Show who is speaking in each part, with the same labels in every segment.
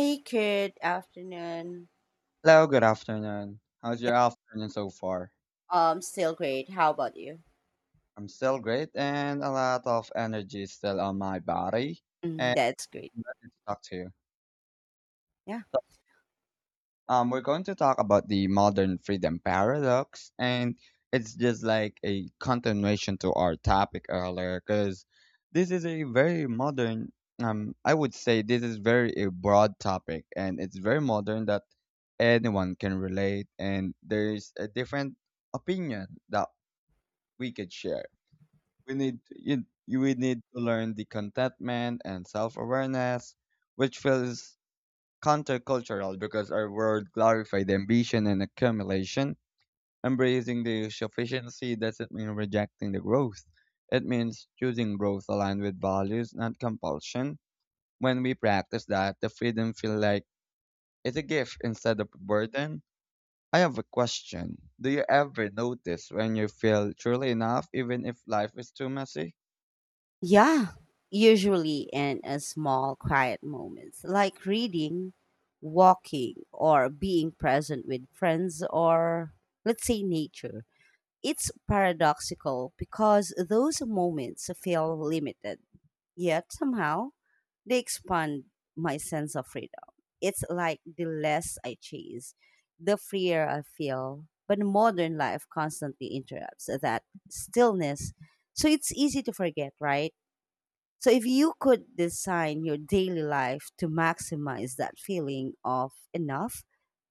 Speaker 1: Hey, good afternoon.
Speaker 2: Hello, good afternoon. How's
Speaker 1: Yeah,
Speaker 2: your afternoon so far?
Speaker 1: Still great. How about you?
Speaker 2: I'm still great and a lot of energy is still on my body
Speaker 1: Mm,
Speaker 2: and
Speaker 1: that's great.
Speaker 2: I'm ready to talk to you.
Speaker 1: Yeah.
Speaker 2: So, we're going to talk about the modern freedom paradox, and it's just like a continuation to our topic earlier because this is a very modern, I would say this is very a broad topic, and it's very modern that anyone can relate and there's a different opinion that we could share. We need to learn the contentment and self-awareness, which feels countercultural because our world glorified ambition and accumulation. Embracing the sufficiency doesn't mean rejecting the growth. It means choosing growth aligned with values, not compulsion. When we practice that, the freedom feels like it's a gift instead of a burden. I have a question. Do you ever notice when you feel truly enough, even if life is too messy?
Speaker 1: Yeah. Usually in a small, quiet moments, like reading, walking, or being present with friends, or let's say nature. It's paradoxical because those moments feel limited. Yet somehow, they expand my sense of freedom. It's like the less I chase, the freer I feel. But modern life constantly interrupts that stillness. So it's easy to forget, right? So if you could design your daily life to maximize that feeling of enough,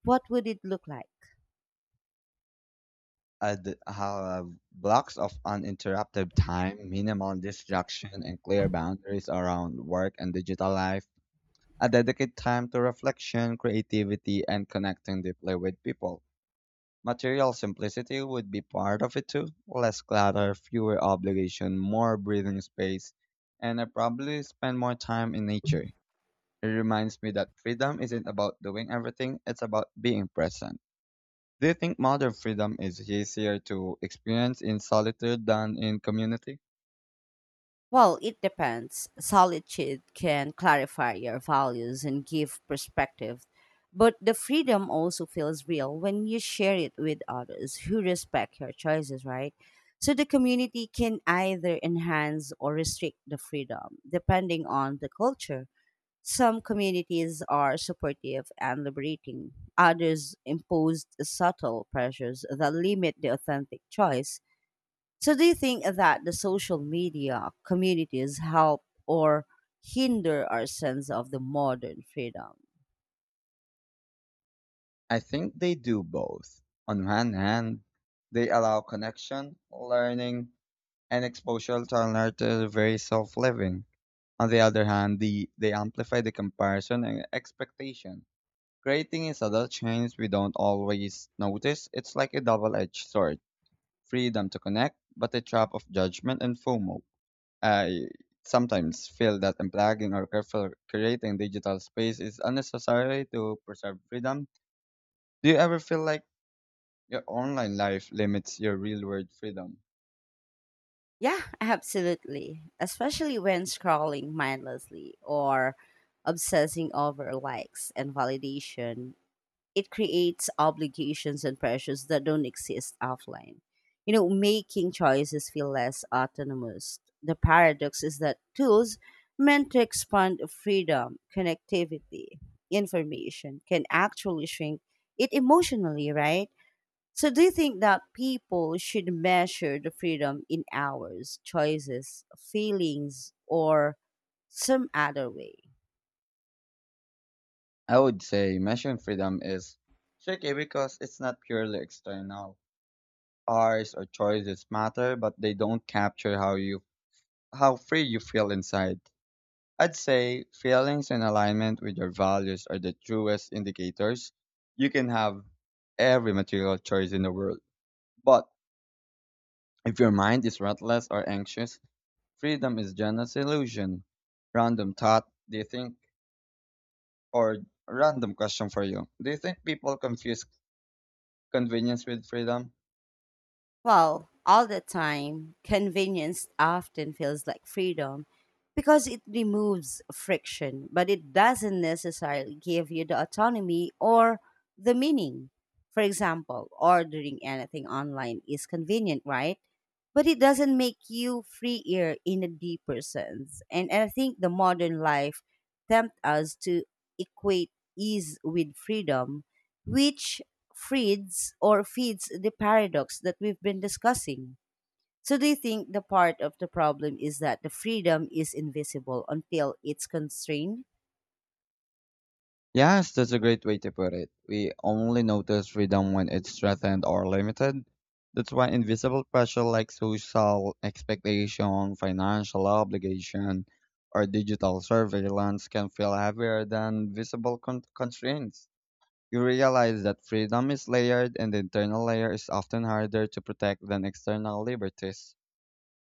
Speaker 1: what would it look like?
Speaker 2: I have blocks of uninterrupted time, minimal distraction, and clear boundaries around work and digital life. I dedicate time to reflection, creativity, and connecting deeply with people. Material simplicity would be part of it too. Less clutter, fewer obligation, more breathing space, and I probably spend more time in nature. It reminds me that freedom isn't about doing everything, it's about being present. Do you think modern freedom is easier to experience in solitude than in community?
Speaker 1: Well, it depends. Solitude can clarify your values and give perspective, but the freedom also feels real when you share it with others who respect your choices, right? So the community can either enhance or restrict the freedom depending on the culture. Some communities are supportive and liberating, others impose subtle pressures that limit the authentic choice. So, do you think that the social media communities help or hinder our sense of the modern freedom?
Speaker 2: I think they do both. On one hand, they allow connection, learning, and exposure to alternative ways of living. On the other hand, they amplify the comparison and expectation, creating a subtle change we don't always notice. It's like a double edged sword, freedom to connect, but a trap of judgment and FOMO. I sometimes feel that unplugging or careful creating digital space is unnecessary to preserve freedom. Do you ever feel like your online life limits your real world freedom?
Speaker 1: Yeah, absolutely. Especially when scrolling mindlessly or obsessing over likes and validation. It creates obligations and pressures that don't exist offline. You know, making choices feel less autonomous. The paradox is that tools meant to expand freedom, connectivity, information can actually shrink it emotionally, right? So, do you think that people should measure the freedom in hours, choices, feelings, or some other way?
Speaker 2: I would say measuring freedom is tricky because it's not purely external. Hours or choices matter, but they don't capture how free you feel inside. I'd say feelings in alignment with your values are the truest indicators. You can have every material choice in the world. But if your mind is restless or anxious, freedom is just an illusion. Random thought, do you think, or random question for you. Do you think people confuse convenience with freedom?
Speaker 1: Well, all the time, convenience often feels like freedom because it removes friction, but it doesn't necessarily give you the autonomy or the meaning. For example, ordering anything online is convenient, right? But it doesn't make you freer in a deeper sense. And I think the modern life tempts us to equate ease with freedom, which feeds or feeds the paradox that we've been discussing. So do you think the part of the problem is that the freedom is invisible until it's constrained?
Speaker 2: Yes, that's a great way to put it. We only notice freedom when it's threatened or limited. That's why invisible pressure like social expectation, financial obligation, or digital surveillance can feel heavier than visible constraints. You realize that freedom is layered and the internal layer is often harder to protect than external liberties.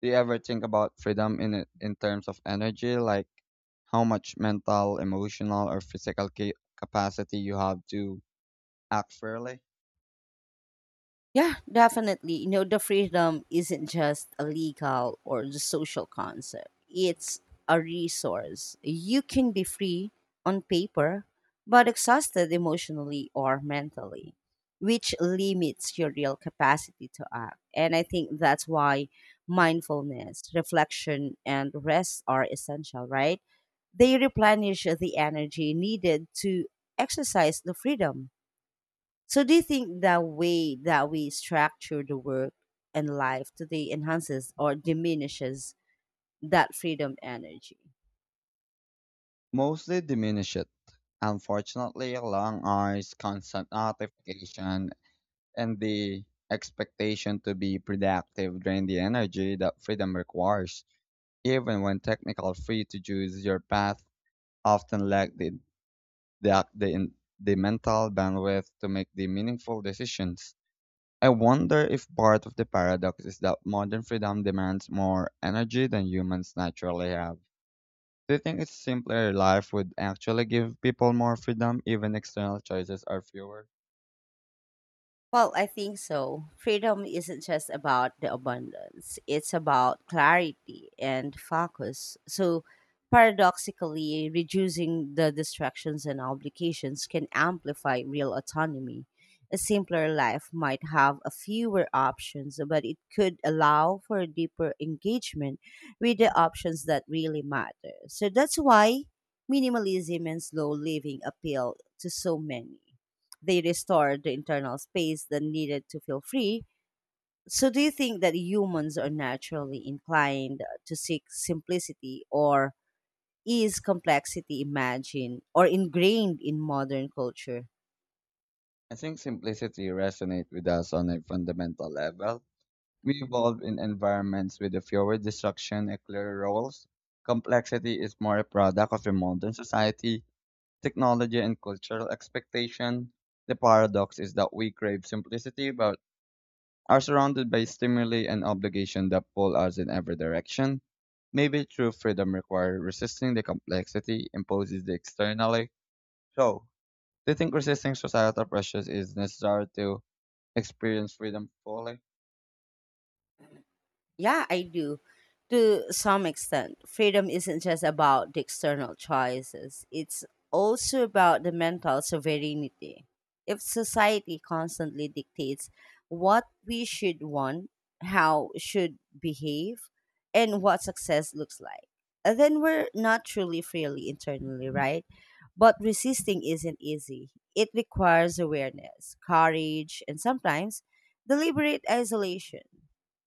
Speaker 2: Do you ever think about freedom in terms of energy, like how much mental, emotional, or physical capacity you have to act fairly?
Speaker 1: Yeah, definitely. You know, the freedom isn't just a legal or the social concept. It's a resource. You can be free on paper, but exhausted emotionally or mentally, which limits your real capacity to act. And I think that's why mindfulness, reflection, and rest are essential, right? They replenish the energy needed to exercise the freedom. So do you think the way that we structure the work and life today enhances or diminishes that freedom energy?
Speaker 2: Mostly diminish it. Unfortunately, long hours, constant notification, and the expectation to be productive drain the energy that freedom requires. Even when technically free to choose your path, often lack the, the, in- the mental bandwidth to make the meaningful decisions. I wonder if part of the paradox is that modern freedom demands more energy than humans naturally have. Do you think a simpler life would actually give people more freedom, even external choices are fewer?
Speaker 1: Well, I think so. Freedom isn't just about the abundance, it's about clarity and focus. So, paradoxically, reducing the distractions and obligations can amplify real autonomy. A simpler life might have a fewer options, but it could allow for a deeper engagement with the options that really matter. So, that's why minimalism and slow living appeal to so many, they restored the internal space that needed to feel free. So, do you think that humans are naturally inclined to seek simplicity, or is complexity imagined or ingrained in modern culture?
Speaker 2: I think simplicity resonates with us on a fundamental level. We evolve in environments with a fewer distraction and clearer roles. Complexity is more a product of a modern society, technology and cultural expectation. The paradox is that we crave simplicity but are surrounded by stimuli and obligation that pull us in every direction. Maybe true freedom requires resisting the complexity imposes the externally. So, do you think resisting societal pressures is necessary to experience freedom fully?
Speaker 1: Yeah, I do. To some extent, freedom isn't just about the external choices, it's also about the mental sovereignty. If society constantly dictates what we should want, how should behave, and what success looks like, then we're not truly freely internally, right? But resisting isn't easy. It requires awareness, courage, and sometimes deliberate isolation.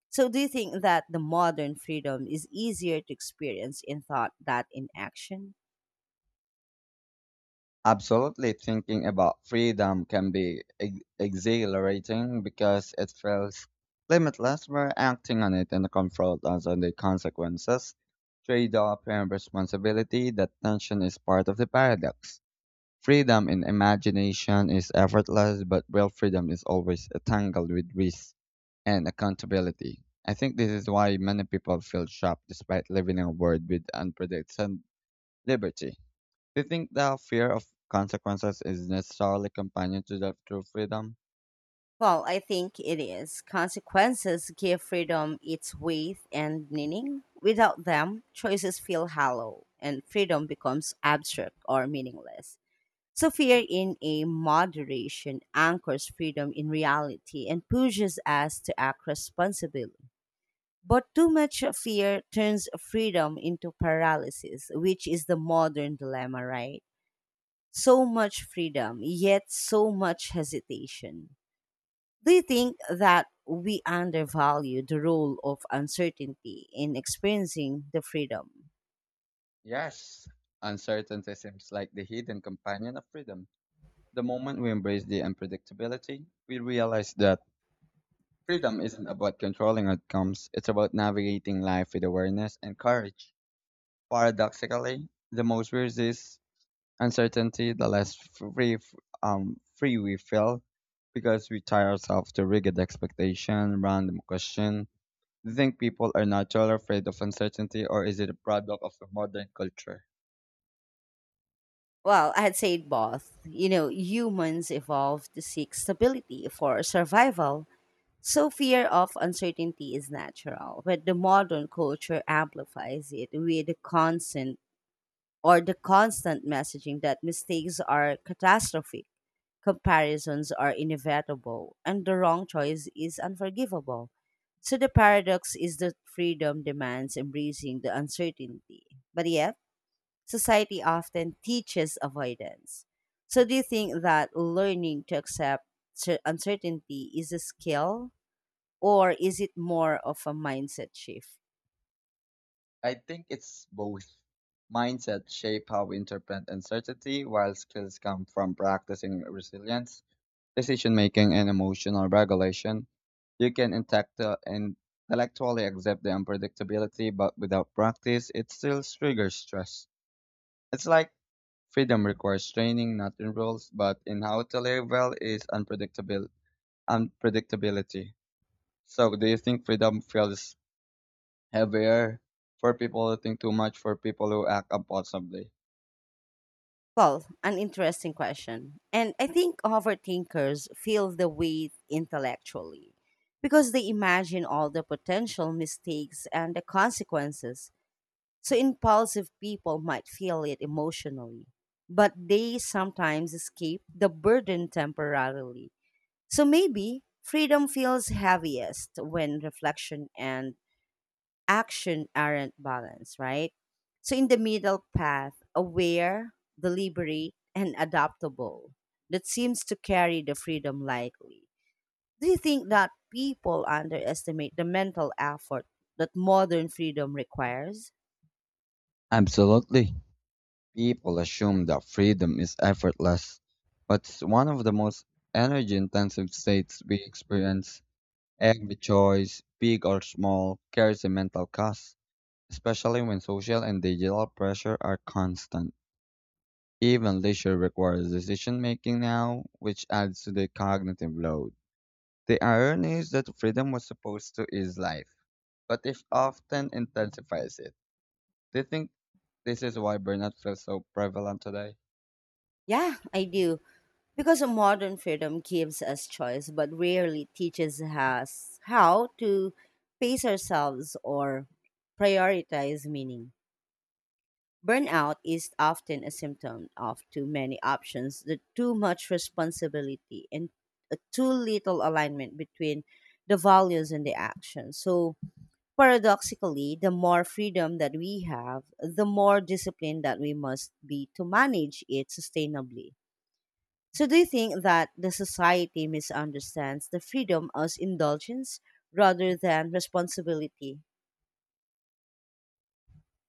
Speaker 1: So, do you think that the modern freedom is easier to experience in thought than in action?
Speaker 2: Absolutely, thinking about freedom can be exhilarating because it feels limitless. We're acting on it and confront us on the consequences, trade off, and responsibility. That tension is part of the paradox. Freedom in imagination is effortless, but real freedom is always tangled with risk and accountability. I think this is why many people feel trapped despite living in a world with unprecedented liberty. Do you think the fear of consequences is necessarily companion to the true freedom?
Speaker 1: Well, I think it is. Consequences give freedom its weight and meaning. Without them, choices feel hollow and freedom becomes abstract or meaningless. So fear in a moderation anchors freedom in reality and pushes us to act responsibly. But too much fear turns freedom into paralysis, which is the modern dilemma, right? So much freedom, yet so much hesitation. Do you think that we undervalue the role of uncertainty in experiencing the freedom?
Speaker 2: Yes, uncertainty seems like the hidden companion of freedom. The moment we embrace the unpredictability, we realize that freedom isn't about controlling outcomes, it's about navigating life with awareness and courage. Paradoxically, the most we resist uncertainty, the less free, free we feel because we tie ourselves to rigid expectation. Random question, do you think people are naturally afraid of uncertainty, or is it a product of a modern culture?
Speaker 1: Well, I'd say both. You know, humans evolved to seek stability for survival. So, fear of uncertainty is natural, but the modern culture amplifies it with the constant messaging that mistakes are catastrophic, comparisons are inevitable, and the wrong choice is unforgivable. So, the paradox is that freedom demands embracing the uncertainty, but yet society often teaches avoidance. So, do you think that learning to accept uncertainty is a skill or is it more of a mindset shift?
Speaker 2: I think it's both. Mindset shape how we interpret uncertainty, while skills come from practicing resilience, decision making, and emotional regulation. You can intellectually accept the unpredictability, but without practice, it still triggers stress. It's like freedom requires training, not in rules, but in how to live well is unpredictable unpredictability. So, do you think freedom feels heavier for people who think too much, for people who act impulsively?
Speaker 1: Well, an interesting question. And I think overthinkers feel the weight intellectually because they imagine all the potential mistakes and the consequences. So impulsive people might feel it emotionally, but they sometimes escape the burden temporarily. So maybe freedom feels heaviest when reflection and action aren't balanced, right? So in the middle path, aware, deliberate, and adaptable, that seems to carry the freedom lightly. Do you think that people underestimate the mental effort that modern freedom requires?
Speaker 2: Absolutely. People assume that freedom is effortless, but it's one of the most energy intensive states we experience. Every choice, big or small, carries a mental cost, especially when social and digital pressure are constant. Even leisure requires decision making now, which adds to the cognitive load. The irony is that freedom was supposed to ease life, but it often intensifies it. Do you think this is why burnout feels so prevalent today?
Speaker 1: Yeah, I do. Because modern freedom gives us choice but rarely teaches us how to pace ourselves or prioritize meaning. Burnout is often a symptom of too many options, the too much responsibility, and too little alignment between the values and the action. So, paradoxically, the more freedom that we have, the more discipline that we must be to manage it sustainably. So, do you think that the society misunderstands the freedom as indulgence rather than responsibility?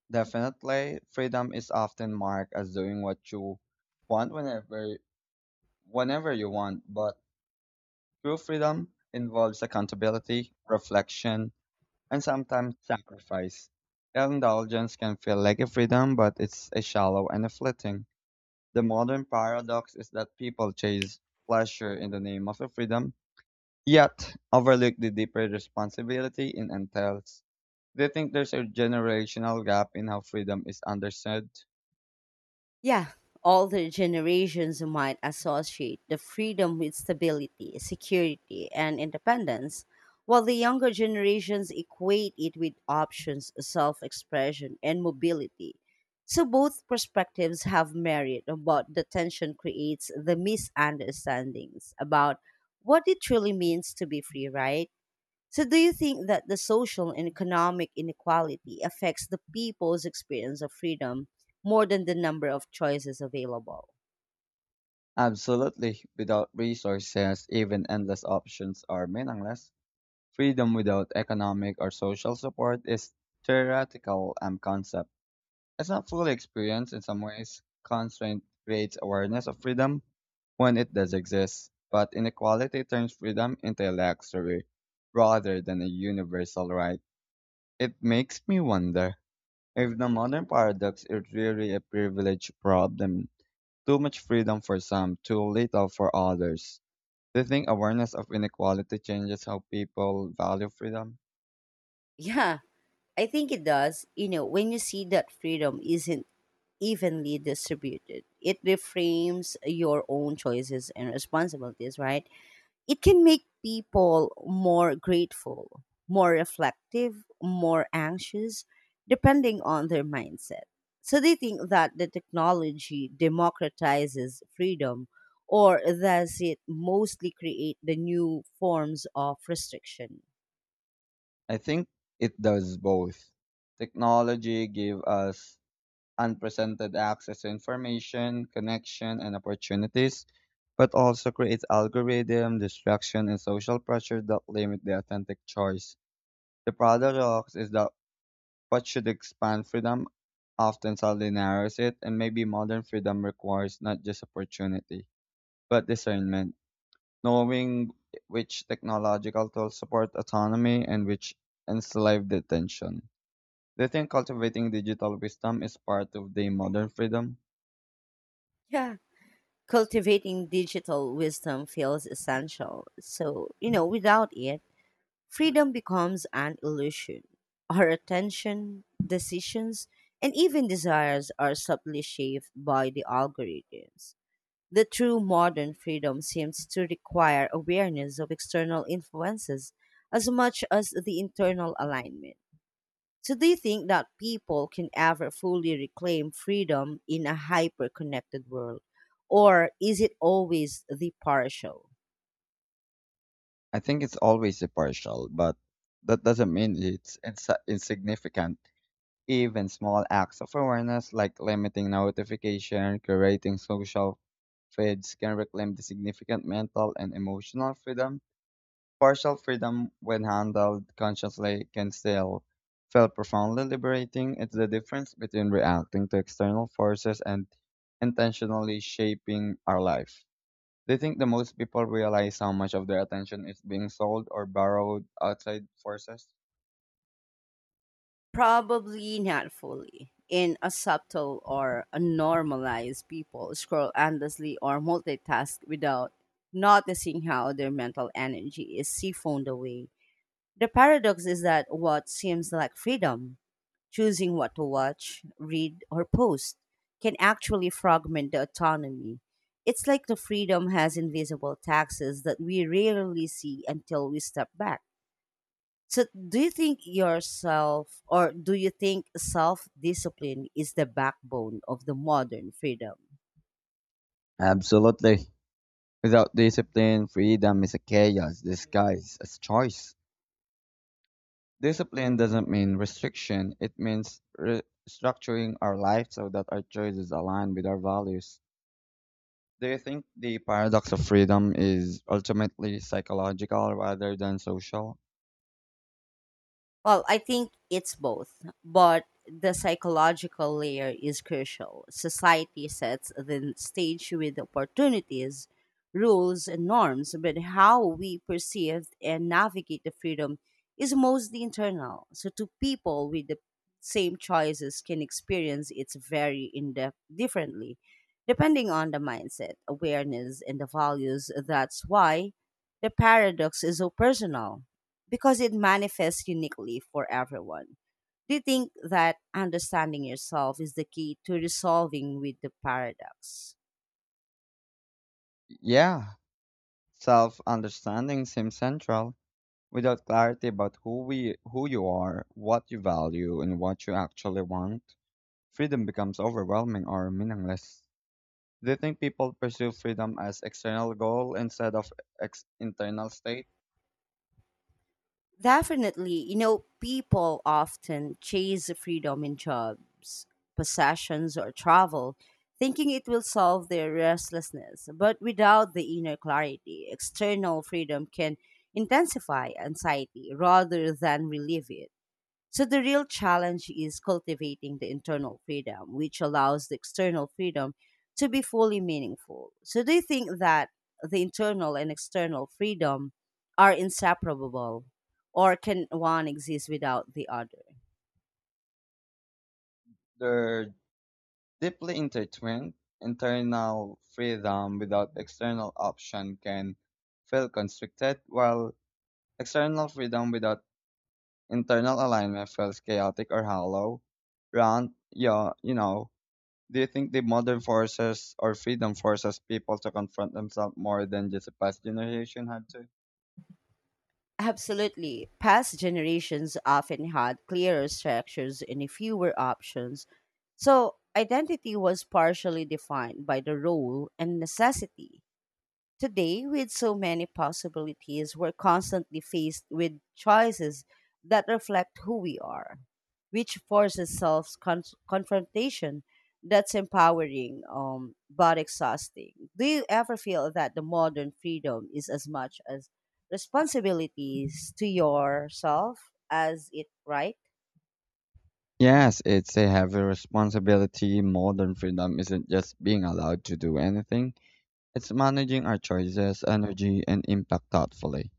Speaker 2: Definitely, freedom is often marked as doing what you want whenever you want, but true freedom involves accountability, reflection, and sometimes sacrifice. Indulgence can feel like a freedom, but it's a shallow and a fleeting. The modern paradox is that people chase pleasure in the name of a freedom, yet overlook the deeper responsibility it entails. Do you think there's a generational gap in how freedom is understood?
Speaker 1: Yeah, older generations might associate the freedom with stability, security, and independence, while the younger generations equate it with options, self expression, and mobility. So both perspectives have merit, but the tension creates the misunderstandings about what it truly means to be free, right? So, do you think that the social and economic inequality affects the people's experience of freedom more than the number of choices available?
Speaker 2: Absolutely. Without resources, even endless options are meaningless. Freedom without economic or social support is theoretical and concept. It's not fully experienced in some ways. Constraint creates awareness of freedom when it does exist, but inequality turns freedom into a luxury rather than a universal right. It makes me wonder if the modern paradox is really a privilege problem. Too much freedom for some, too little for others. Do you think awareness of inequality changes how people value freedom?
Speaker 1: Yeah, I think it does. You know, when you see that freedom isn't evenly distributed, it reframes your own choices and responsibilities, right? It can make people more grateful, more reflective, more anxious, depending on their mindset. So they think that the technology democratizes freedom, or does it mostly create the new forms of restriction?
Speaker 2: I think it does both. Technology gives us unprecedented access to information, connection, and opportunities, but also creates algorithm, distraction, and social pressure that limit the authentic choice. The paradox is that what should expand freedom often sadly narrows it, and maybe modern freedom requires not just opportunity, but discernment, knowing which technological tools support autonomy and which enslave detention. Do you think cultivating digital wisdom is part of the modern freedom?
Speaker 1: Yeah. Cultivating digital wisdom feels essential. So, you know, without it, freedom becomes an illusion. Our attention, decisions, and even desires are subtly shaped by the algorithms. The true modern freedom seems to require awareness of external influences as much as the internal alignment. So, do you think that people can ever fully reclaim freedom in a hyper connected world? Or is it always the partial?
Speaker 2: I think it's always a partial, but that doesn't mean it's insignificant. Even small acts of awareness like limiting notification, curating social feeds can reclaim the significant mental and emotional freedom. Partial freedom, when handled consciously, can still feel profoundly liberating. It's the difference between reacting to external forces and intentionally shaping our life. Do you think the most people realize how much of their attention is being sold or borrowed outside forces?
Speaker 1: Probably not fully. In a subtle or a normalized, people scroll endlessly or multitask without noticing how their mental energy is siphoned away. The paradox is that what seems like freedom, choosing what to watch, read, or post, can actually fragment the autonomy. It's like the freedom has invisible taxes that we rarely see until we step back. So, do you think self discipline is the backbone of the modern freedom?
Speaker 2: Absolutely. Without discipline, freedom is a chaos disguised as choice. Discipline doesn't mean restriction, it means restructuring our life so that our choices align with our values. Do you think the paradox of freedom is ultimately psychological rather than social?
Speaker 1: Well, I think it's both, but the psychological layer is crucial. Society sets the stage with opportunities, rules, and norms, but how we perceive and navigate the freedom is mostly internal. So, two people with the same choices can experience it very in depth differently, depending on the mindset, awareness, and the values. That's why the paradox is so personal because it manifests uniquely for everyone. Do you think that understanding yourself is the key to resolving with the paradox?
Speaker 2: Yeah, self understanding seems central. Without clarity about who you are, what you value, and what you actually want, freedom becomes overwhelming or meaningless. Do you think people pursue freedom as external goal instead of internal state?
Speaker 1: Definitely, you know, people often chase freedom in jobs, possessions, or travel, thinking it will solve their restlessness. But without the inner clarity, external freedom can intensify anxiety rather than relieve it. So the real challenge is cultivating the internal freedom, which allows the external freedom to be fully meaningful. So do you think that the internal and external freedom are inseparable, or can one exist without the other?
Speaker 2: They're deeply intertwined. Internal freedom without external option can feel constricted, while external freedom without internal alignment feels chaotic or hollow. Round, yeah, you know, do you think the modern forces or freedom forces people to confront themselves more than just the past generation had to?
Speaker 1: Absolutely. Past generations often had clearer structures and fewer options. So identity was partially defined by the role and necessity. Today, with so many possibilities, we're constantly faced with choices that reflect who we are, which forces self confrontation that's empowering, but exhausting. Do you ever feel that the modern freedom is as much as responsibilities to yourself as it right?
Speaker 2: Yes, it's a heavy responsibility. Modern freedom isn't just being allowed to do anything, it's managing our choices, energy, and impact thoughtfully.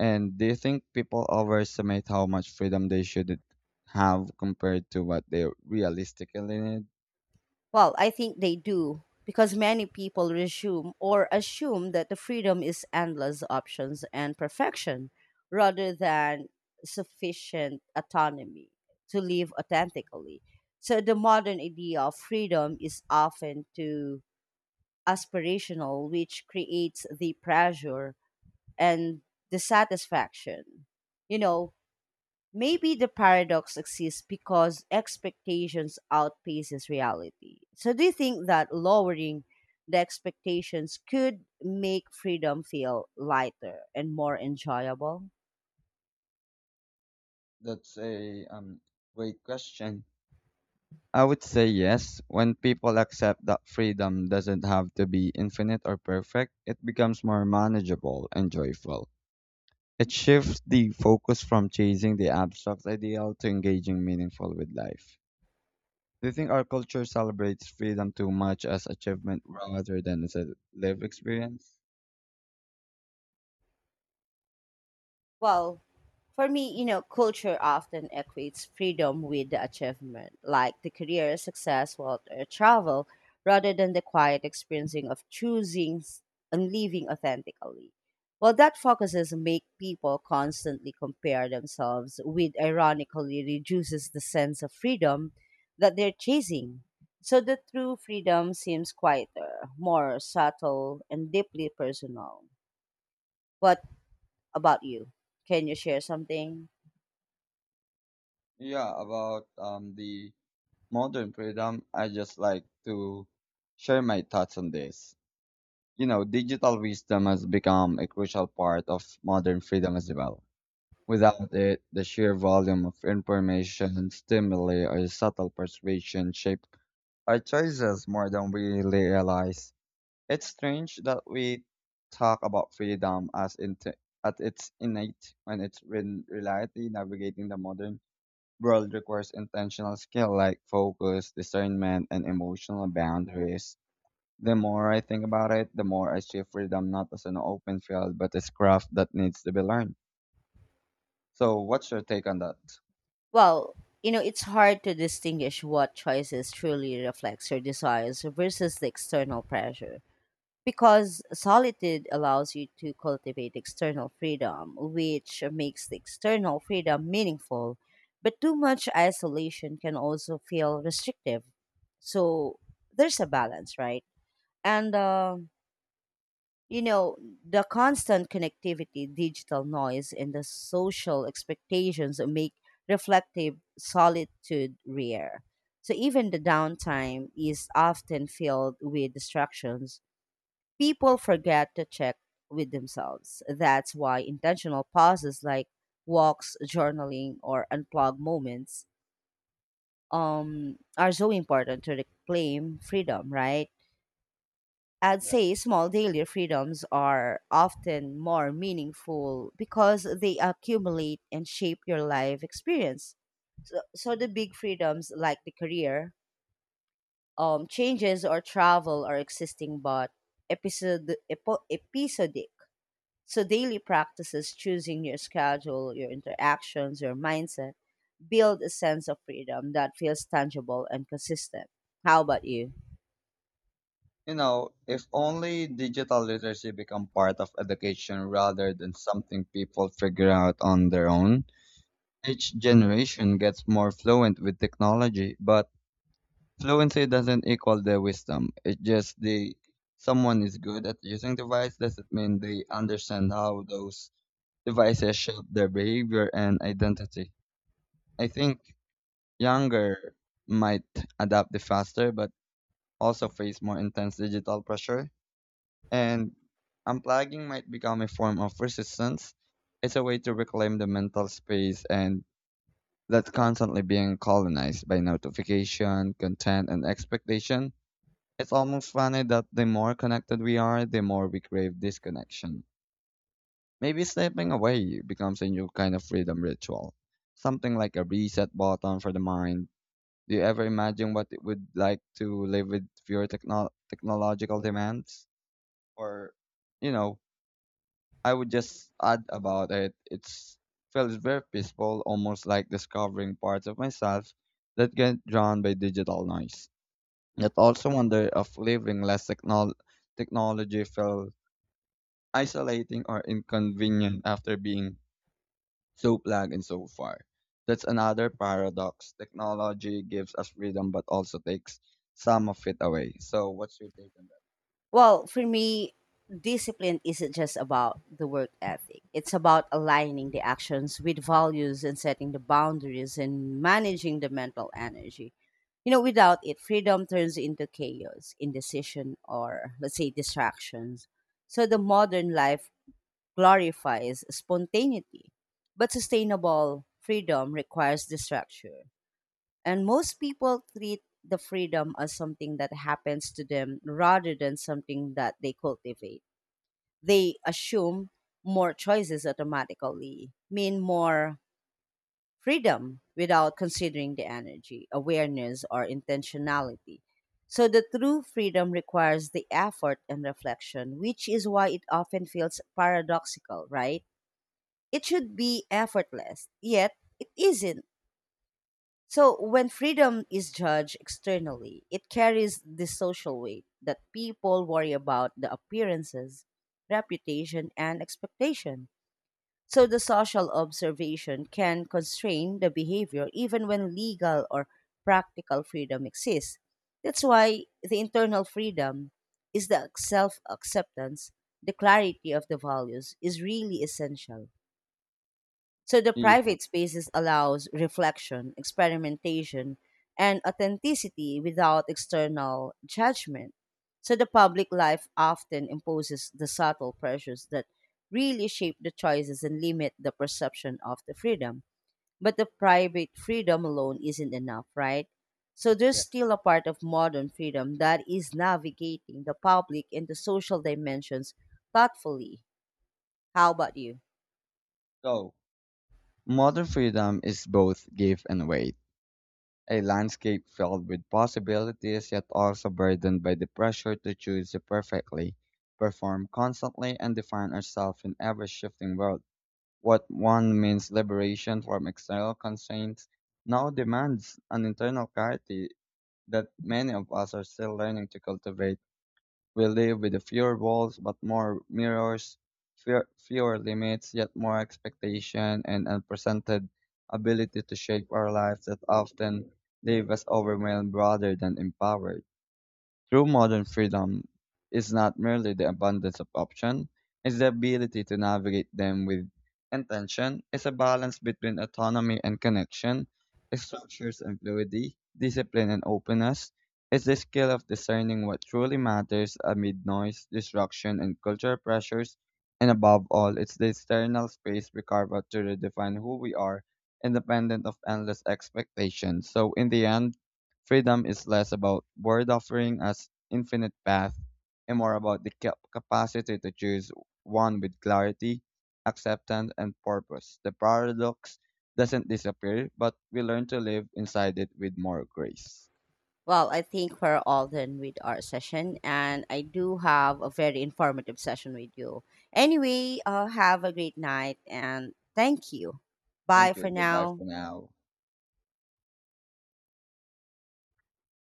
Speaker 2: And do you think people overestimate how much freedom they should have compared to what they realistically need?
Speaker 1: Well, I think they do because many people resume or assume that the freedom is endless options and perfection rather than sufficient autonomy to live authentically. So the modern idea of freedom is often too aspirational, which creates the pressure and dissatisfaction. You know, maybe the paradox exists because expectations outpaces reality. So do you think that lowering the expectations could make freedom feel lighter and more enjoyable?
Speaker 2: That's a great question. I would say yes. When people accept that freedom doesn't have to be infinite or perfect, it becomes more manageable and joyful. It shifts the focus from chasing the abstract ideal to engaging meaningful with life. Do you think our culture celebrates freedom too much as achievement rather than as a lived experience?
Speaker 1: Well, for me, you know, culture often equates freedom with the achievement, like the career, success, wealth, or travel, rather than the quiet experiencing of choosing and living authentically. Well, that focuses make people constantly compare themselves with ironically reduces the sense of freedom that they're chasing. So the true freedom seems quieter, more subtle, and deeply personal. What about you? Can you share something?
Speaker 2: Yeah, about the modern freedom, I just like to share my thoughts on this. You know, digital wisdom has become a crucial part of modern freedom as well. Without it, the sheer volume of information, stimuli, or subtle persuasion shape our choices more than we realize. It's strange that we talk about freedom as into at its innate when it's in reality navigating the modern world requires intentional skill like focus, discernment, and emotional boundaries. The more I think about it, the more I see freedom not as an open field, but as craft that needs to be learned. So, what's your take on that?
Speaker 1: Well, you know, it's hard to distinguish what choices truly reflects your desires versus the external pressure. Because solitude allows you to cultivate external freedom, which makes the external freedom meaningful. But too much isolation can also feel restrictive. So there's a balance, right? And you know, the constant connectivity, digital noise, and the social expectations make reflective solitude rare. So even the downtime is often filled with distractions. People forget to check with themselves. That's why intentional pauses like walks, journaling, or unplugged moments are so important to reclaim freedom, right? I'd
Speaker 2: Yeah.
Speaker 1: say small daily freedoms are often more meaningful because they accumulate and shape your life experience. So the big freedoms like the career, changes or travel are existing but episodic. So daily practices, choosing your schedule, your interactions, your mindset, build a sense of freedom that feels tangible and consistent. How about you?
Speaker 2: You know, if only digital literacy become part of education rather than something people figure out on their own, each generation gets more fluent with technology, but fluency doesn't equal their wisdom. It just the someone is good at using device doesn't mean they understand how those devices shape their behavior and identity. I think younger might adapt the faster, but also face more intense digital pressure. And unplugging might become a form of resistance. It's a way to reclaim the mental space and that's constantly being colonized by notification, content, and expectation. It's almost funny that the more connected we are, the more we crave disconnection. Maybe stepping away becomes a new kind of freedom ritual, something like a reset button for the mind. Do you ever imagine what it would like to live with fewer technological demands? Or, you know, I would just add about it. It's felt very peaceful, almost like discovering parts of myself that get drawn by digital noise.
Speaker 1: Yeah.
Speaker 2: Yet also wonder if living less technology felt isolating or inconvenient after being so plug and so far. That's another paradox. Technology gives us freedom but also takes some of it away. So what's your take on that?
Speaker 1: Well, for me, discipline isn't just about the work ethic. It's about aligning the actions with values and setting the boundaries and managing the mental energy. You know, without it, freedom turns into chaos, indecision, or let's say distractions. So the modern life glorifies spontaneity, but sustainable freedom requires the structure. And most people treat the freedom as something that happens to them rather than something that they cultivate. They assume more choices automatically, mean more freedom without considering the energy, awareness, or intentionality. So the true freedom requires the effort and reflection, which is why it often feels paradoxical, right? It should be effortless, yet it isn't. So when freedom is judged externally, it carries this social weight that people worry about the appearances, reputation, and expectation. So the social observation can constrain the behavior even when legal or practical freedom exists. That's why the internal freedom is the self acceptance, the clarity of the values is really essential. So the
Speaker 2: Yeah.
Speaker 1: private spaces allows reflection, experimentation, and authenticity without external judgment. So the public life often imposes the subtle pressures that really shape the choices and limit the perception of the freedom. But the private freedom alone isn't enough, right? So there's
Speaker 2: Yeah.
Speaker 1: still a part of modern freedom that is navigating the public and the social dimensions thoughtfully. How about you?
Speaker 2: So modern freedom is both give and wait. A landscape filled with possibilities yet also burdened by the pressure to choose perfectly, perform constantly and define ourselves in ever shifting world. What one means liberation from external constraints now demands an internal clarity that many of us are still learning to cultivate. We live with fewer walls but more mirrors, fewer limits, yet more expectation and unprecedented ability to shape our lives that often leave us overwhelmed rather than empowered. True modern freedom is not merely the abundance of options, it's the ability to navigate them with intention. It's a balance between autonomy and connection, structures and fluidity, discipline and openness. It's the skill of discerning what truly matters amid noise, distraction, and cultural pressures. And above all, it's the external space we carve out to redefine who we are, independent of endless expectations. So, in the end, freedom is less about word offering as infinite path and more about the capacity to choose one with clarity, acceptance, and purpose. The paradox doesn't disappear, but we learn to live inside it with more grace.
Speaker 1: Well, I think we're all done with our session, and I do have a very informative session with you. Anyway, have a great night and thank you. Bye
Speaker 2: Thank
Speaker 1: for
Speaker 2: you. Goodbye
Speaker 1: now.
Speaker 2: for now.